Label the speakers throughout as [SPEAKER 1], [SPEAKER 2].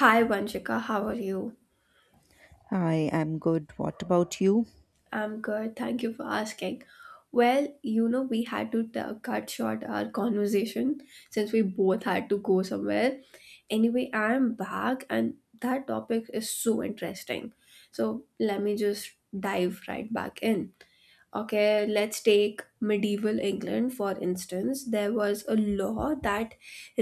[SPEAKER 1] Hi Vanshika, how are you?
[SPEAKER 2] I am good. What about you?
[SPEAKER 1] I'm good, thank you for asking. Well, you know, we had to cut short our conversation since we both had to go somewhere. Anyway, I am back and that topic is so interesting. So let me just dive right back in. Okay, let's take medieval England for instance. There was a law that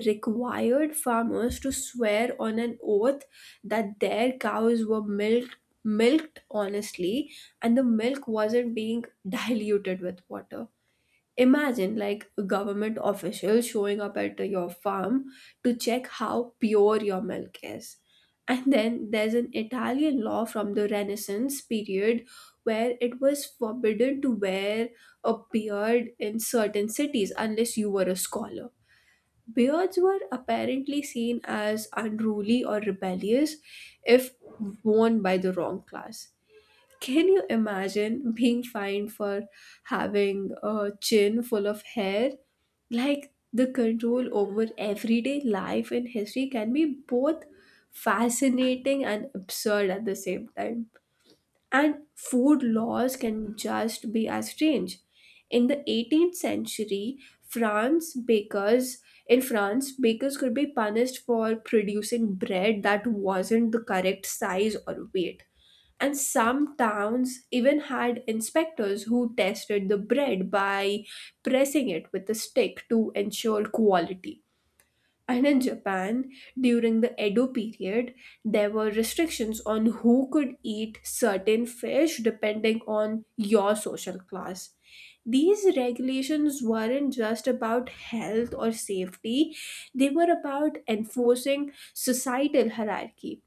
[SPEAKER 1] required farmers to swear on an oath that their cows were milked honestly and the milk wasn't being diluted with water. Imagine like a government official showing up at your farm to check how pure your milk is. And then there's an Italian law from the Renaissance period where it was forbidden to wear a beard in certain cities unless you were a scholar. Beards were apparently seen as unruly or rebellious if worn by the wrong class. Can you imagine being fined for having a chin full of hair? Like, the control over everyday life and history can be both fascinating and absurd at the same time. And food laws can just be as strange. In the 18th century, France bakers in France, bakers could be punished for producing bread that wasn't the correct size or weight, and some towns even had inspectors who tested the bread by pressing it with a stick to ensure quality. And in Japan, during the Edo period, there were restrictions on who could eat certain fish depending on your social class. These regulations weren't just about health or safety, they were about enforcing societal hierarchy.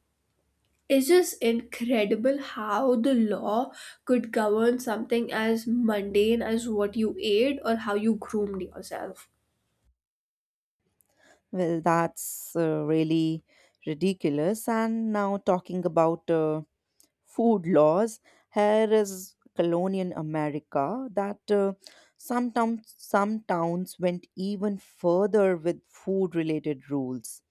[SPEAKER 1] It's just incredible how the law could govern something as mundane as what you ate or how you groomed yourself.
[SPEAKER 2] Well, that's really ridiculous. And now, talking about food laws, here is colonial America that some towns went even further with food related rules.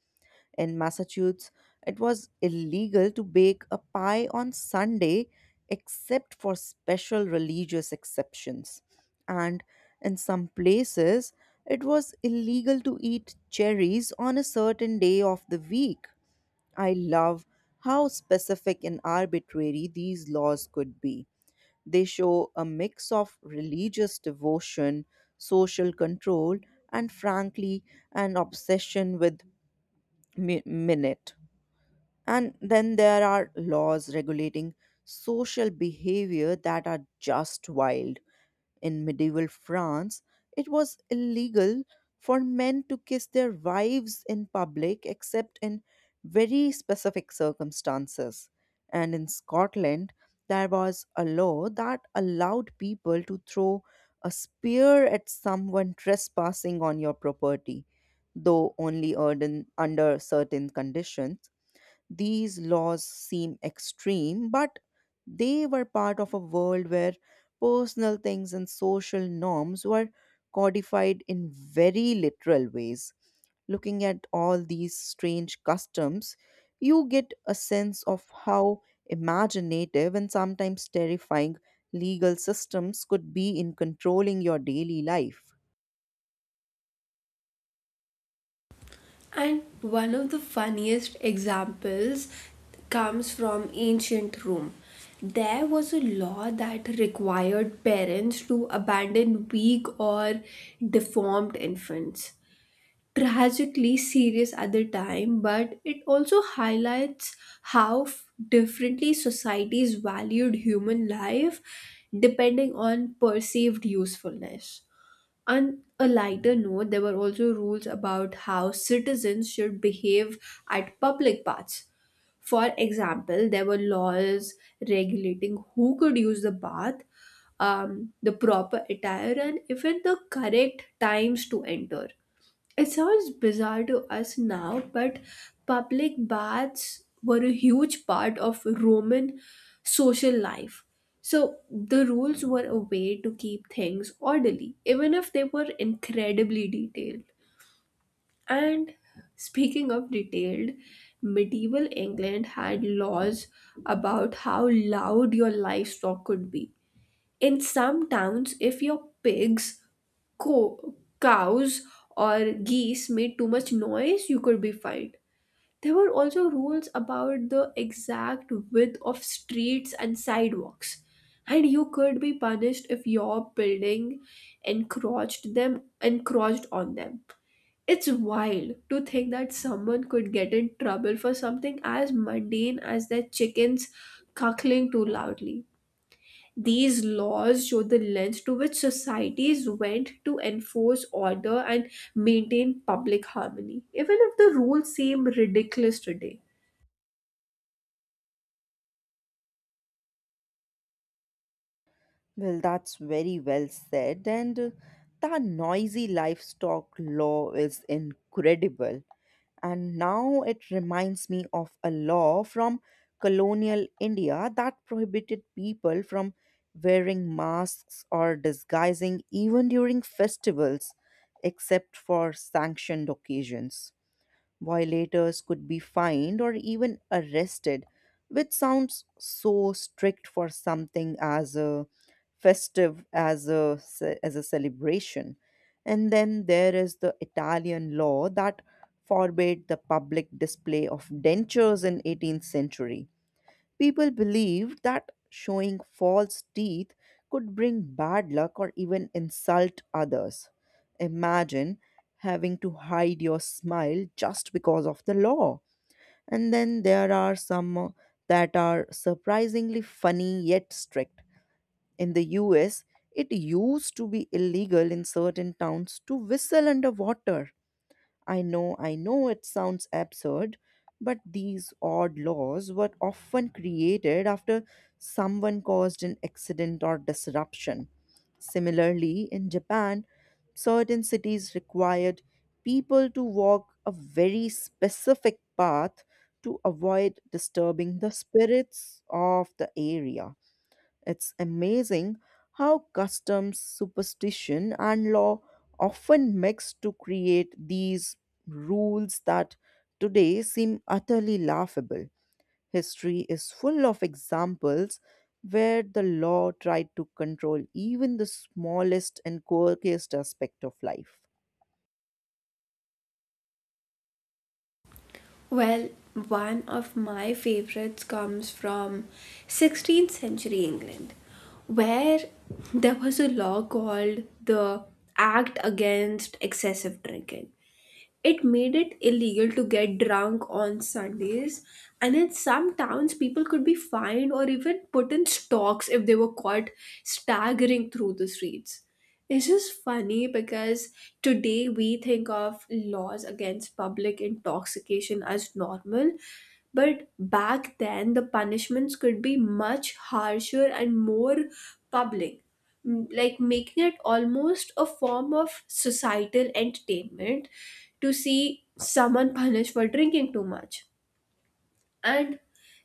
[SPEAKER 2] In Massachusetts, it was illegal to bake a pie on Sunday except for special religious exceptions. And in some places, it was illegal to eat cherries on a certain day of the week. I love how specific and arbitrary these laws could be. They show a mix of religious devotion, social control, and frankly, an obsession with minute. And then there are laws regulating social behavior that are just wild. In medieval France, it was illegal for men to kiss their wives in public except in very specific circumstances. And in Scotland, there was a law that allowed people to throw a spear at someone trespassing on your property, though only under certain conditions. These laws seem extreme, but they were part of a world where personal things and social norms were codified in very literal ways. Looking at all these strange customs, you get a sense of how imaginative and sometimes terrifying legal systems could be in controlling your daily life.
[SPEAKER 1] And one of the funniest examples comes from ancient Rome. There was a law that required parents to abandon weak or deformed infants. Tragically serious at the time, but it also highlights how differently societies valued human life depending on perceived usefulness. On a lighter note, there were also rules about how citizens should behave at public baths. For example, there were laws regulating who could use the bath, the proper attire, and even the correct times to enter. It sounds bizarre to us now, but public baths were a huge part of Roman social life. So the rules were a way to keep things orderly, even if they were incredibly detailed. And speaking of detailed, medieval England had laws about how loud your livestock could be. In some towns, if your cows or geese made too much noise, you could be fined. There were also rules about the exact width of streets and sidewalks, and you could be punished if your building encroached on them. It's wild to think that someone could get in trouble for something as mundane as their chickens cackling too loudly. These laws show the lengths to which societies went to enforce order and maintain public harmony, even if the rules seem ridiculous today.
[SPEAKER 2] Well, that's very well said. And the noisy livestock law is incredible. And now it reminds me of a law from colonial India that prohibited people from wearing masks or disguising even during festivals, except for sanctioned occasions. Violators could be fined or even arrested, which sounds so strict for something as a festive as a as a celebration. And then there is the Italian law that forbade the public display of dentures in 18th century. People believed that showing false teeth could bring bad luck or even insult others. Imagine having to hide your smile just because of the law. And then there are some that are surprisingly funny yet strict. In the US, it used to be illegal in certain towns to whistle underwater. I know it sounds absurd, but these odd laws were often created after someone caused an accident or disruption. Similarly, in Japan, certain cities required people to walk a very specific path to avoid disturbing the spirits of the area. It's amazing how customs, superstition, and law often mix to create these rules that today seem utterly laughable. History is full of examples where the law tried to control even the smallest and quirkiest aspect of life.
[SPEAKER 1] Well, one of my favorites comes from 16th century England, where there was a law called the Act Against Excessive Drinking. It made it illegal to get drunk on Sundays, and in some towns, people could be fined or even put in stocks if they were caught staggering through the streets. It's just funny because today we think of laws against public intoxication as normal, but back then the punishments could be much harsher and more public, like making it almost a form of societal entertainment to see someone punished for drinking too much. And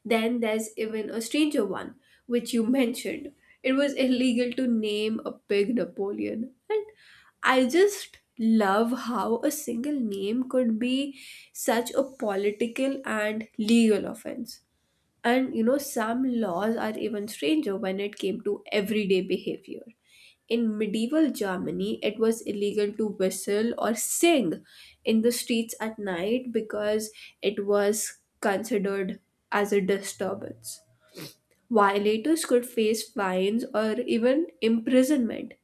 [SPEAKER 1] then there's even a stranger one, which you mentioned. It was illegal to name a pig Napoleon. And I just love how a single name could be such a political and legal offense. And you know, some laws are even stranger when it came to everyday behavior. In medieval Germany, it was illegal to whistle or sing in the streets at night because it was considered as a disturbance. Violators could face fines or even imprisonment.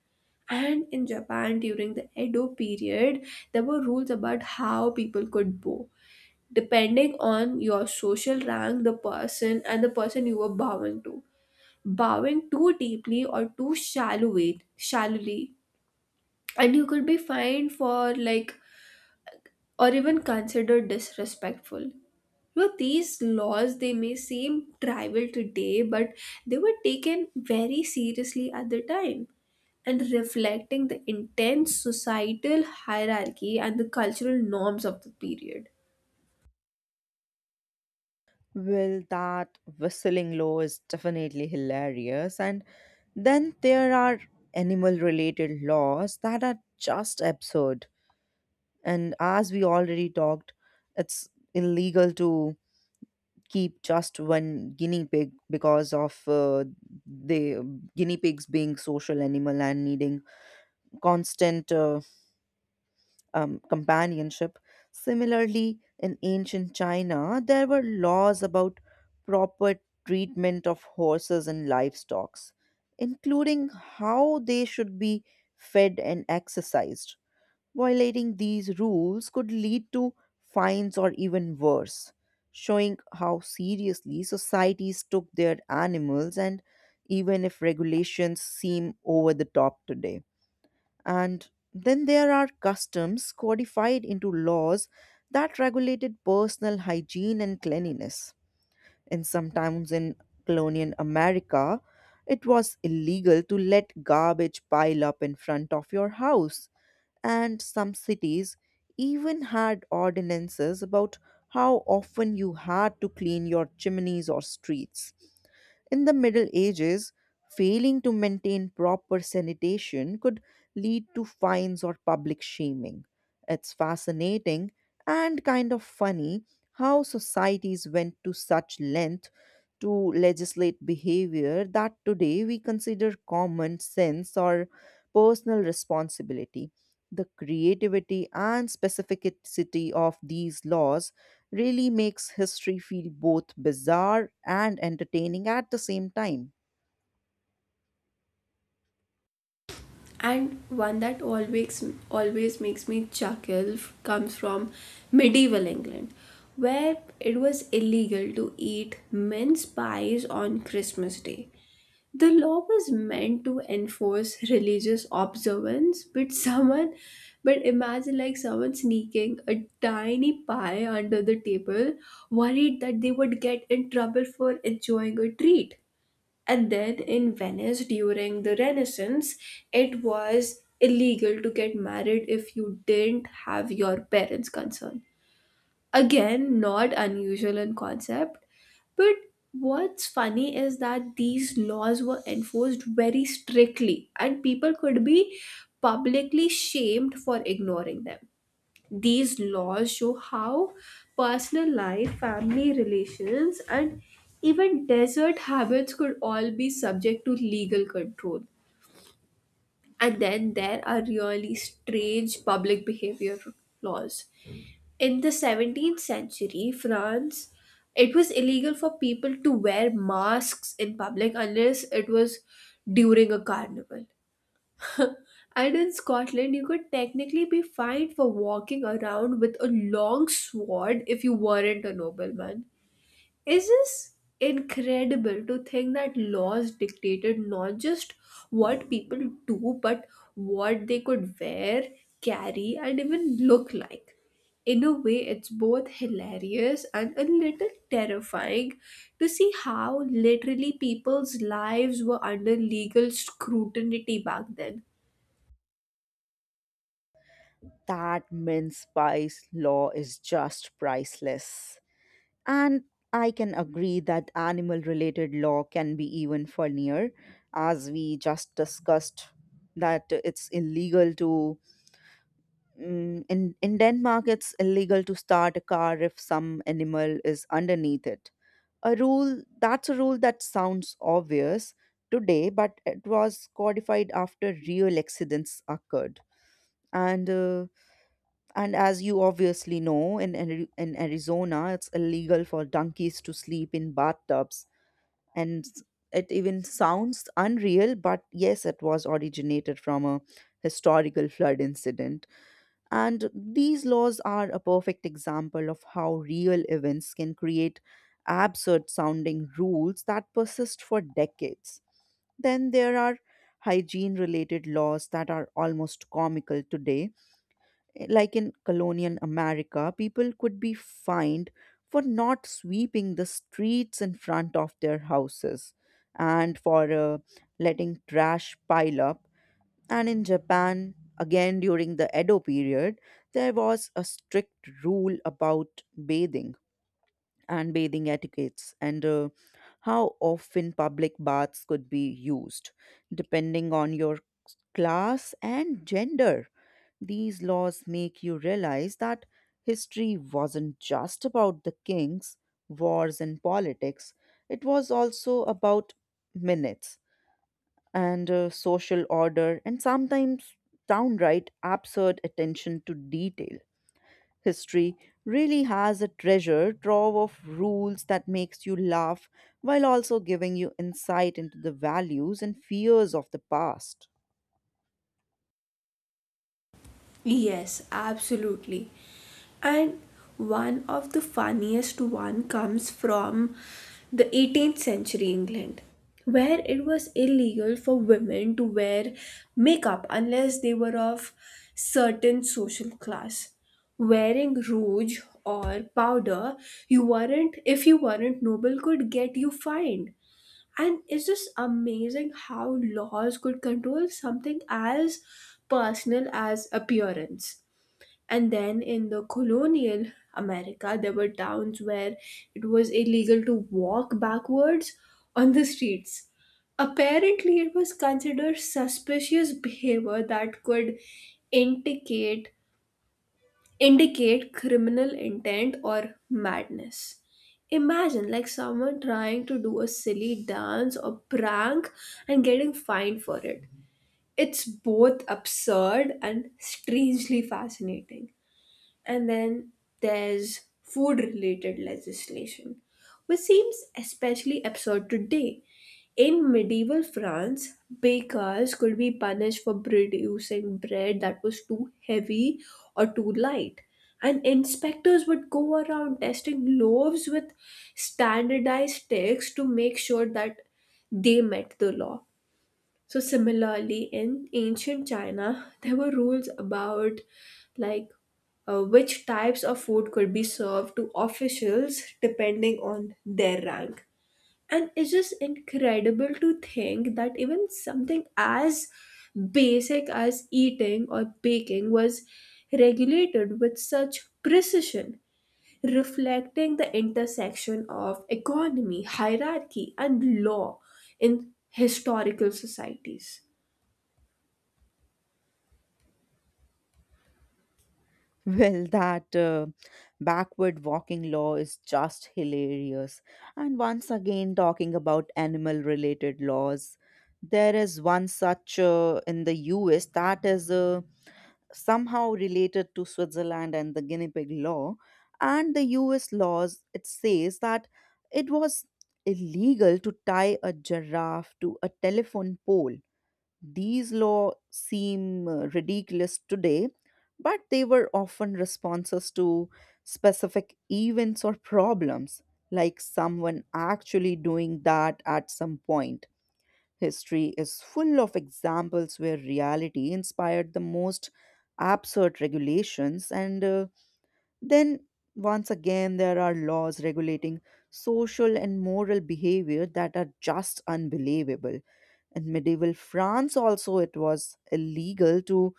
[SPEAKER 1] And in Japan during the Edo period, there were rules about how people could bow depending on your social rank, the person, and the person you were bowing to. Bowing too deeply or too shallowly, and you could be fined for like or even considered disrespectful. You know, these laws, they may seem trivial today, but they were taken very seriously at the time and reflecting the intense societal hierarchy and the cultural norms of the period.
[SPEAKER 2] Well, that whistling law is definitely hilarious. And then there are animal related laws that are just absurd. And as we already talked, it's illegal to keep just one guinea pig because of the guinea pigs being social animal and needing constant companionship. Similarly, in ancient China, there were laws about proper treatment of horses and livestock, including how they should be fed and exercised. Violating these rules could lead to fines or even worse, showing how seriously societies took their animals and even if regulations seem over the top today. And then there are customs codified into laws that regulated personal hygiene and cleanliness. In some towns in colonial America, it was illegal to let garbage pile up in front of your house, and some cities even had ordinances about how often you had to clean your chimneys or streets. In the Middle Ages, failing to maintain proper sanitation could lead to fines or public shaming. It's fascinating and kind of funny how societies went to such length to legislate behavior that today we consider common sense or personal responsibility. The creativity and specificity of these laws really makes history feel both bizarre and entertaining at the same time.
[SPEAKER 1] And one that always makes me chuckle comes from medieval England, where it was illegal to eat mince pies on Christmas Day. The law was meant to enforce religious observance, but but imagine like someone sneaking a tiny pie under the table, worried that they would get in trouble for enjoying a treat. And then in Venice during the Renaissance, it was illegal to get married if you didn't have your parents' consent. Again, not unusual in concept, but what's funny is that these laws were enforced very strictly and people could be publicly shamed for ignoring them. These laws show how personal life, family relations, and even desert habits could all be subject to legal control. And then there are really strange public behavior laws. In the 17th century, France, it was illegal for people to wear masks in public unless it was during a carnival. And in Scotland, you could technically be fined for walking around with a long sword if you weren't a nobleman. It's just incredible to think that laws dictated not just what people do, but what they could wear, carry, and even look like. In a way, it's both hilarious and a little terrifying to see how literally people's lives were under legal scrutiny back then.
[SPEAKER 2] That mince spice law is just priceless. And I can agree that animal related law can be even funnier, as we just discussed that it's illegal to in Denmark it's illegal to start a car if some animal is underneath it. A rule that sounds obvious today but it was codified after real accidents occurred. And uh, and as you obviously know in in Arizona it's illegal for donkeys to sleep in bathtubs. And it even sounds unreal, but yes, it was originated from a historical flood incident. And these laws are a perfect example of how real events can create absurd sounding rules that persist for decades. Then there are hygiene related laws that are almost comical today. Like in colonial America, people could be fined for not sweeping the streets in front of their houses and for letting trash pile up. And in Japan, again during the Edo period, there was a strict rule about bathing and bathing etiquettes and how often public baths could be used, depending on your class and gender. These laws make you realize that history wasn't just about the kings, wars, and politics, it was also about minutes and social order, and sometimes downright absurd attention to detail. History really has a treasure trove of rules that makes you laugh while also giving you insight into the values and fears of the past.
[SPEAKER 1] Yes, absolutely. And one of the funniest one comes from the 18th century England, where it was illegal for women to wear makeup unless they were of certain social class. Wearing rouge or powder, you weren't if you weren't noble could get you fined. And it's just amazing how laws could control something as personal as appearance. And then in the colonial America, there were towns where it was illegal to walk backwards on the streets. Apparently, it was considered suspicious behavior that could indicate indicate criminal intent or madness. Imagine like someone trying to do a silly dance or prank and getting fined for it. It's both absurd and strangely fascinating. And then there's food related legislation, which seems especially absurd today. In medieval France, bakers could be punished for producing bread that was too heavy or too light. And inspectors would go around testing loaves with standardized sticks to make sure that they met the law. So similarly, in ancient China, there were rules about like which types of food could be served to officials depending on their rank. And it's just incredible to think that even something as basic as eating or baking was regulated with such precision, reflecting the intersection of economy, hierarchy, and law in historical societies.
[SPEAKER 2] Well, that backward walking law is just hilarious. And once again, talking about animal related laws, there is one such in the US that is somehow related to Switzerland and the guinea pig law and the US laws, it says that it was illegal to tie a giraffe to a telephone pole. These laws seem ridiculous today, but they were often responses to specific events or problems, like someone actually doing that at some point. History is full of examples where reality inspired the most absurd regulations, and then once again, there are laws regulating social and moral behavior that are just unbelievable. In medieval France, also, it was illegal to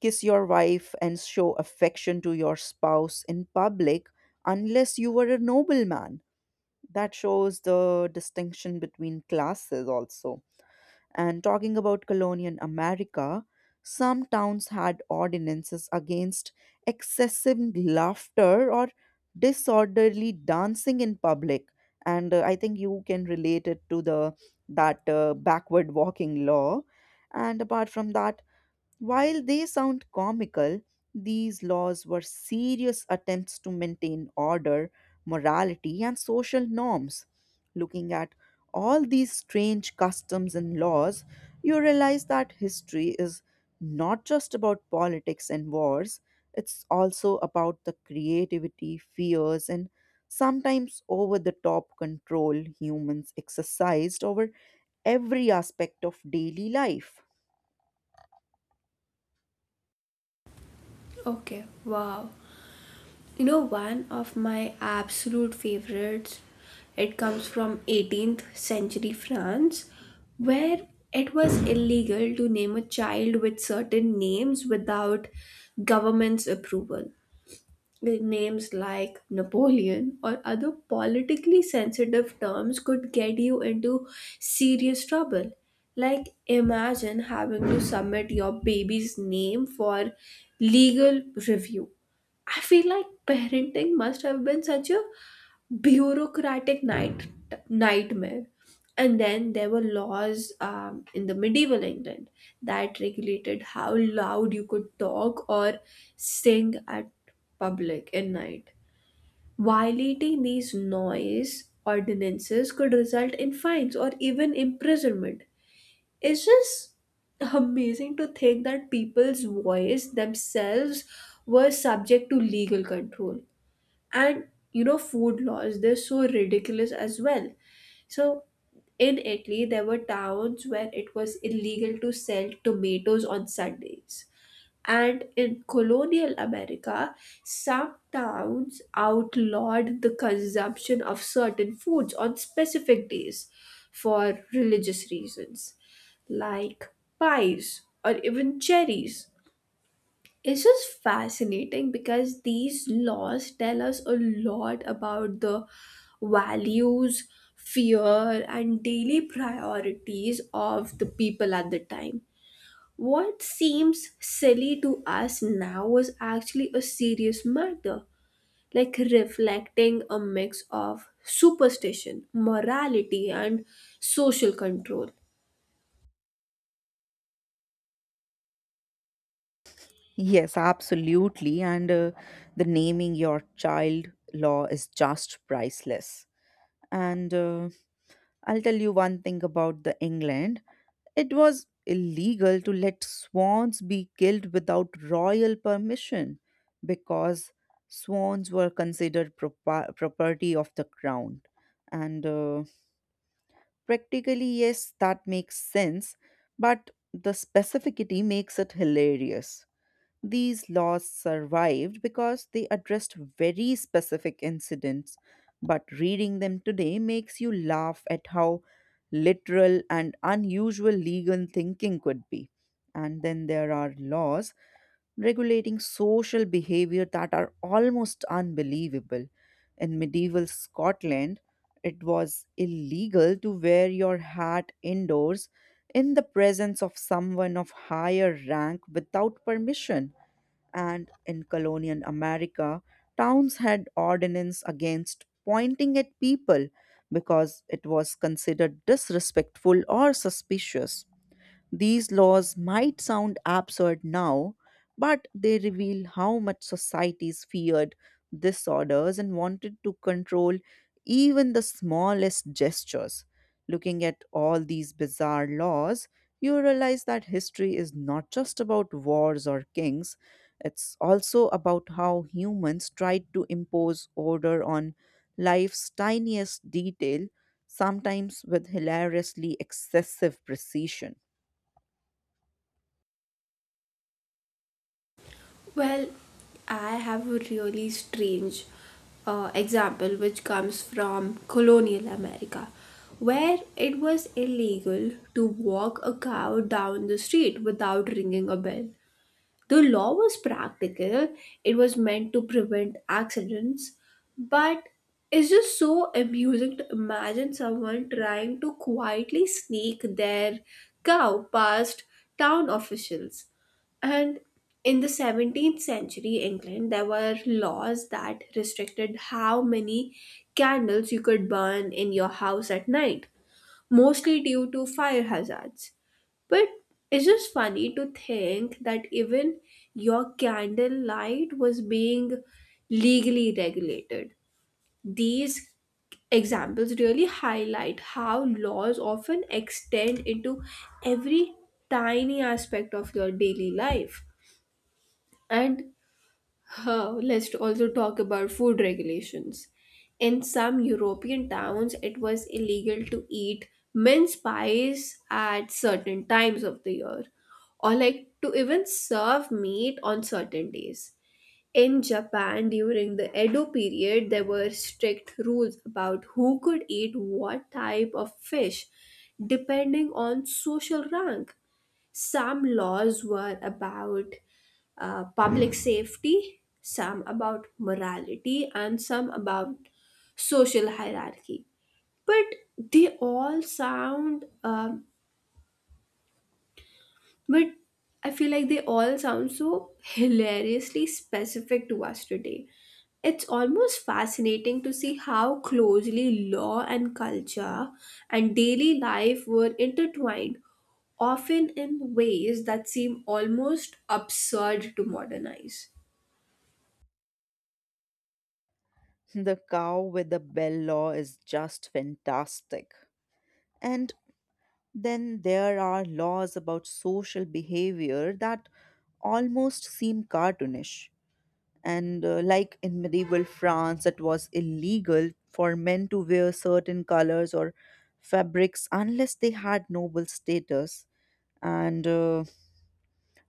[SPEAKER 2] kiss your wife and show affection to your spouse in public unless you were a nobleman. That shows the distinction between classes, also. And talking about colonial America, some towns had ordinances against excessive laughter or disorderly dancing in public. And I think you can relate it to the that backward walking law. And apart from that, while they sound comical, these laws were serious attempts to maintain order, morality, and social norms. Looking at all these strange customs and laws, you realize that history is not just about politics and wars, it's also about the creativity, fears, and sometimes over the top control humans exercised over every aspect of daily life.
[SPEAKER 1] Okay, wow. You know, one of my absolute favorites, it comes from 18th century France, where it was illegal to name a child with certain names without government's approval. With names like Napoleon or other politically sensitive terms could get you into serious trouble. Like, imagine having to submit your baby's name for legal review. I feel like parenting must have been such a bureaucratic night nightmare. And then there were laws in the medieval England that regulated how loud you could talk or sing at public at night. Violating these noise ordinances could result in fines or even imprisonment. It's just amazing to think that people's voice themselves were subject to legal control. And you know, food laws, they're so ridiculous as well. So in Italy there were towns where it was illegal to sell tomatoes on Sundays, and in colonial America some towns outlawed the consumption of certain foods on specific days for religious reasons, like pies or even cherries. It's just fascinating because these laws tell us a lot about the values, fear, and daily priorities of the people at the time. What seems silly to us now was actually a serious matter, like reflecting a mix of superstition, morality, and social control.
[SPEAKER 2] Yes, absolutely. And the naming your child law is just priceless. And I'll tell you one thing about the England. It was illegal to let swans be killed without royal permission because swans were considered property of the crown. And practically, yes, that makes sense, but the specificity makes it hilarious. These laws survived because they addressed very specific incidents, but reading them today makes you laugh at how literal and unusual legal thinking could be. And then there are laws regulating social behavior that are almost unbelievable. In medieval Scotland, it was illegal to wear your hat indoors in the presence of someone of higher rank without permission, and in colonial America, towns had ordinance against pointing at people because it was considered disrespectful or suspicious. These laws might sound absurd now, but they reveal how much societies feared disorders and wanted to control even the smallest gestures. Looking at all these bizarre laws, you realize that history is not just about wars or kings, it's also about how humans tried to impose order on life's tiniest detail, sometimes with hilariously excessive precision.
[SPEAKER 1] Well, I have a really strange example which comes from colonial America, where it was illegal to walk a cow down the street without ringing a bell. The law was practical, it was meant to prevent accidents, but it's just so amusing to imagine someone trying to quietly sneak their cow past town officials. And in the 17th century England, there were laws that restricted how many candles you could burn in your house at night, mostly due to fire hazards. But it's just funny to think that even your candle light was being legally regulated. These examples really highlight how laws often extend into every tiny aspect of your daily life. And let's also talk about food regulations. In some European towns, it was illegal to eat mince pies at certain times of the year, or like to even serve meat on certain days. In Japan, during the Edo period, there were strict rules about who could eat what type of fish, depending on social rank. Some laws were about public safety, some about morality, and some about social hierarchy. But they all sound um, but I feel like they all sound so hilariously specific to us today. It's almost fascinating to see how closely law and culture and daily life were intertwined, often in ways that seem almost absurd to modernize.
[SPEAKER 2] The cow with the bell law is just fantastic. And then there are laws about social behavior that almost seem cartoonish. And like in medieval France, it was illegal for men to wear certain colors or fabrics unless they had noble status. And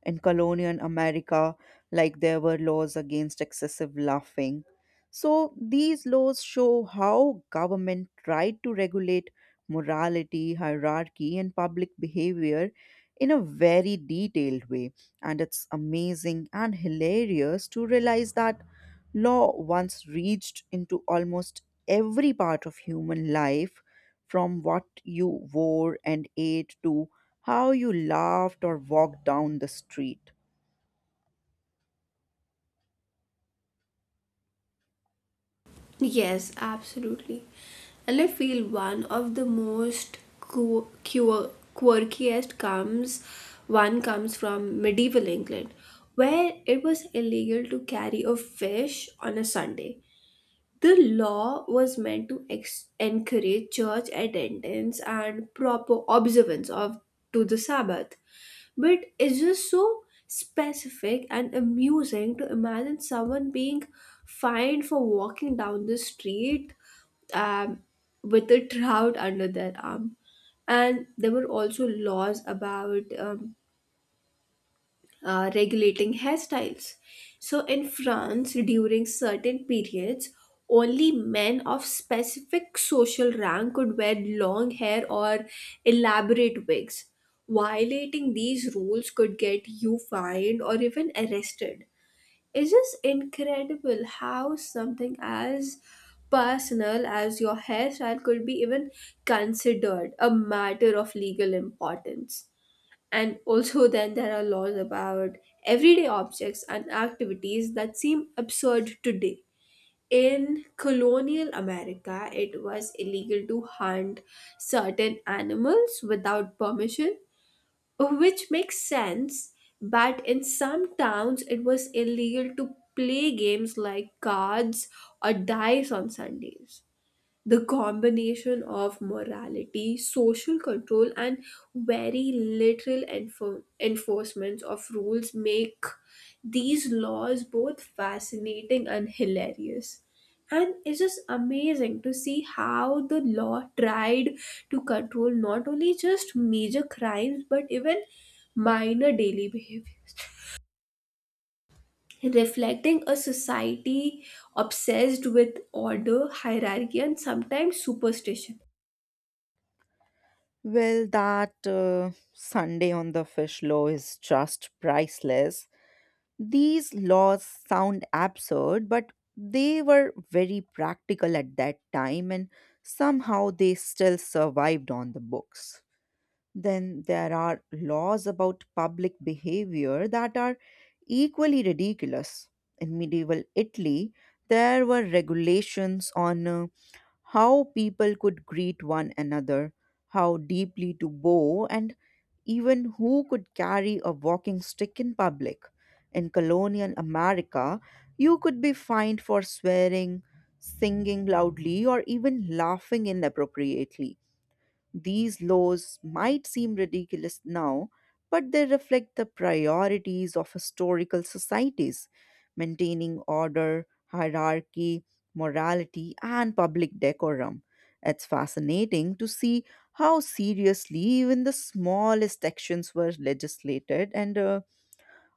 [SPEAKER 2] in colonial America, like there were laws against excessive laughing. So these laws show how government tried to regulate morality, hierarchy, and public behavior in a very detailed way. And it's amazing and hilarious to realize that law once reached into almost every part of human life, from what you wore and ate to how you laughed or walked down the street.
[SPEAKER 1] Yes, absolutely. And I feel one of the most qu- qu- quirkiest comes one comes from medieval England, where it was illegal to carry a fish on a Sunday. The law was meant to encourage church attendance and proper observance of to the Sabbath, but it's just so specific and amusing to imagine someone being fined for walking down the street um, with a trout under their arm. And there were also laws about regulating hairstyles. So, in France, during certain periods, only men of specific social rank could wear long hair or elaborate wigs. Violating these rules could get you fined or even arrested. It's just incredible how something as personal as your hairstyle could be even considered a matter of legal importance. And also, then there are laws about everyday objects and activities that seem absurd today. In colonial America, it was illegal to hunt certain animals without permission, which makes sense, but in some towns, it was illegal to play games like cards or dice on Sundays. The combination of morality, social control, and very literal enforcements of rules make these laws both fascinating and hilarious. And it's just amazing to see how the law tried to control not only just major crimes but even minor daily behaviors, reflecting a society obsessed with order, hierarchy, and sometimes superstition.
[SPEAKER 2] Well, that Sunday on the fish law is just priceless. These laws sound absurd, but they were very practical at that time, and somehow they still survived on the books. Then there are laws about public behavior that are equally ridiculous. In medieval Italy, there were regulations on how people could greet one another, how deeply to bow, and even who could carry a walking stick in public. In colonial America, you could be fined for swearing, singing loudly, or even laughing inappropriately. These laws might seem ridiculous now, but they reflect the priorities of historical societies maintaining order, hierarchy, morality, and public decorum. It's fascinating to see how seriously even the smallest actions were legislated, and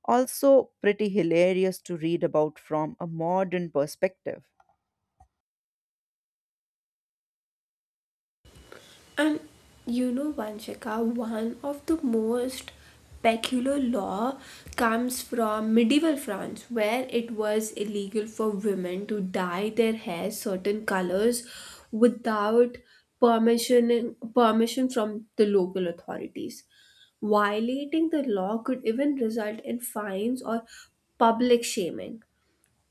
[SPEAKER 2] also pretty hilarious to read about from a modern perspective.
[SPEAKER 1] And you know, Vanshika, one of the most peculiar law comes from medieval France, where it was illegal for women to dye their hair certain colors without permission from the local authorities. Violating the law could even result in fines or public shaming.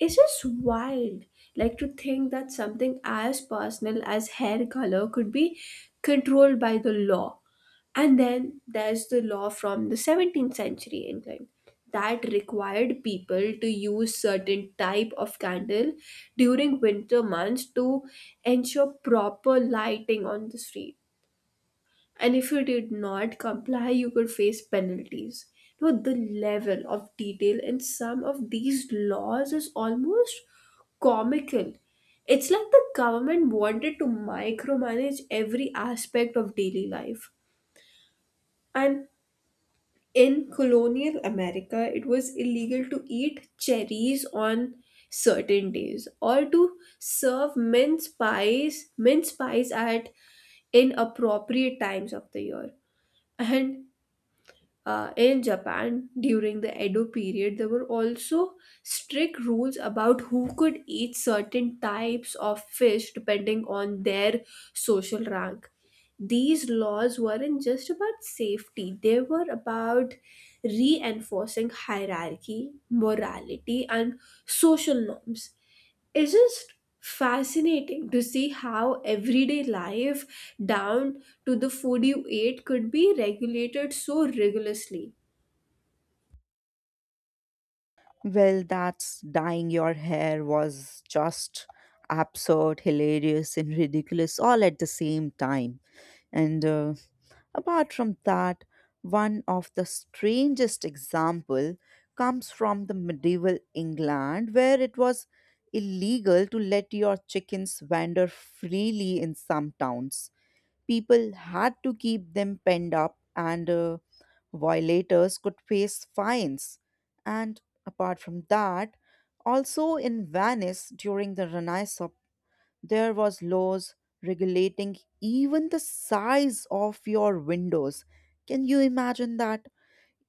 [SPEAKER 1] It's just wild, like to think that something as personal as hair color could be controlled by the law. And then there's the law from the 17th century England that required people to use certain type of candle during winter months to ensure proper lighting on the street. And if you did not comply, you could face penalties. Now, the level of detail in some of these laws is almost comical. It's like the government wanted to micromanage every aspect of daily life. And in colonial America, it was illegal to eat cherries on certain days or to serve mince pies at inappropriate times of the year. And in Japan, during the Edo period, there were also strict rules about who could eat certain types of fish depending on their social rank. These laws weren't just about safety, they were about reinforcing hierarchy, morality, and social norms. It's just fascinating to see how everyday life down to the food you ate could be regulated so rigorously.
[SPEAKER 2] Well, that's dyeing your hair was just absurd, hilarious, and ridiculous all at the same time. And apart from that, one of the strangest example comes from the medieval England where it was illegal to let your chickens wander freely in some towns. People had to keep them penned up and violators could face fines. And apart from that, also in Venice during the Renaissance there was laws regulating even the size of your windows. Can you imagine that?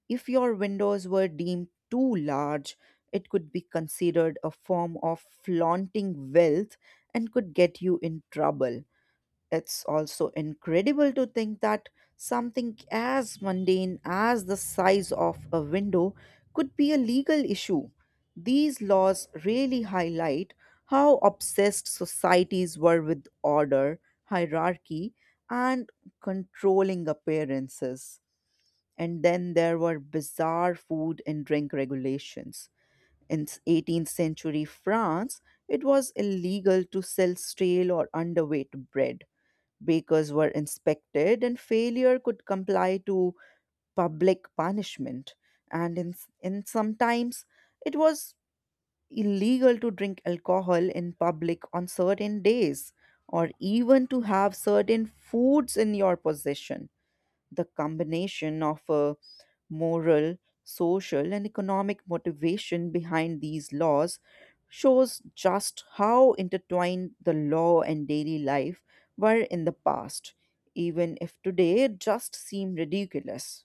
[SPEAKER 2] If your windows were deemed too large, it could be considered a form of flaunting wealth and could get you in trouble. It's also incredible to think that something as mundane as the size of a window could be a legal issue. These laws really highlight how obsessed societies were with order, hierarchy, and controlling appearances. And then there were bizarre food and drink regulations. In 18th century France, it was illegal to sell stale or underweight bread. Bakers were inspected, and failure could comply to public punishment. And in sometimes it was illegal to drink alcohol in public on certain days, or even to have certain foods in your possession. The combination of a moral, social, and economic motivation behind these laws shows just how intertwined the law and daily life were in the past, even if today it just seem ridiculous.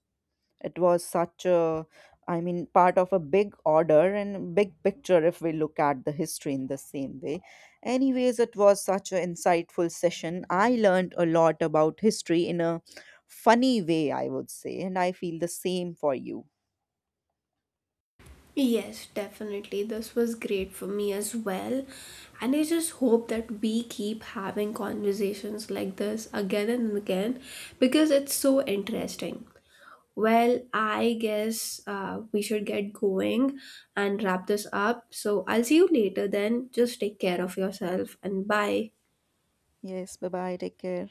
[SPEAKER 2] It was such a, I mean, part of a big order and big picture if we look at the history in the same way. Anyways, it was such an insightful session. I learned a lot about history in a funny way, I would say, and I feel the same for you.
[SPEAKER 1] Yes, definitely, this was great for me as well, and I just hope that we keep having conversations like this again and again because it's so interesting. Well, I guess we should get going and wrap this up. So I'll see you later then. Just take care of yourself and bye.
[SPEAKER 2] Yes, bye bye, take care.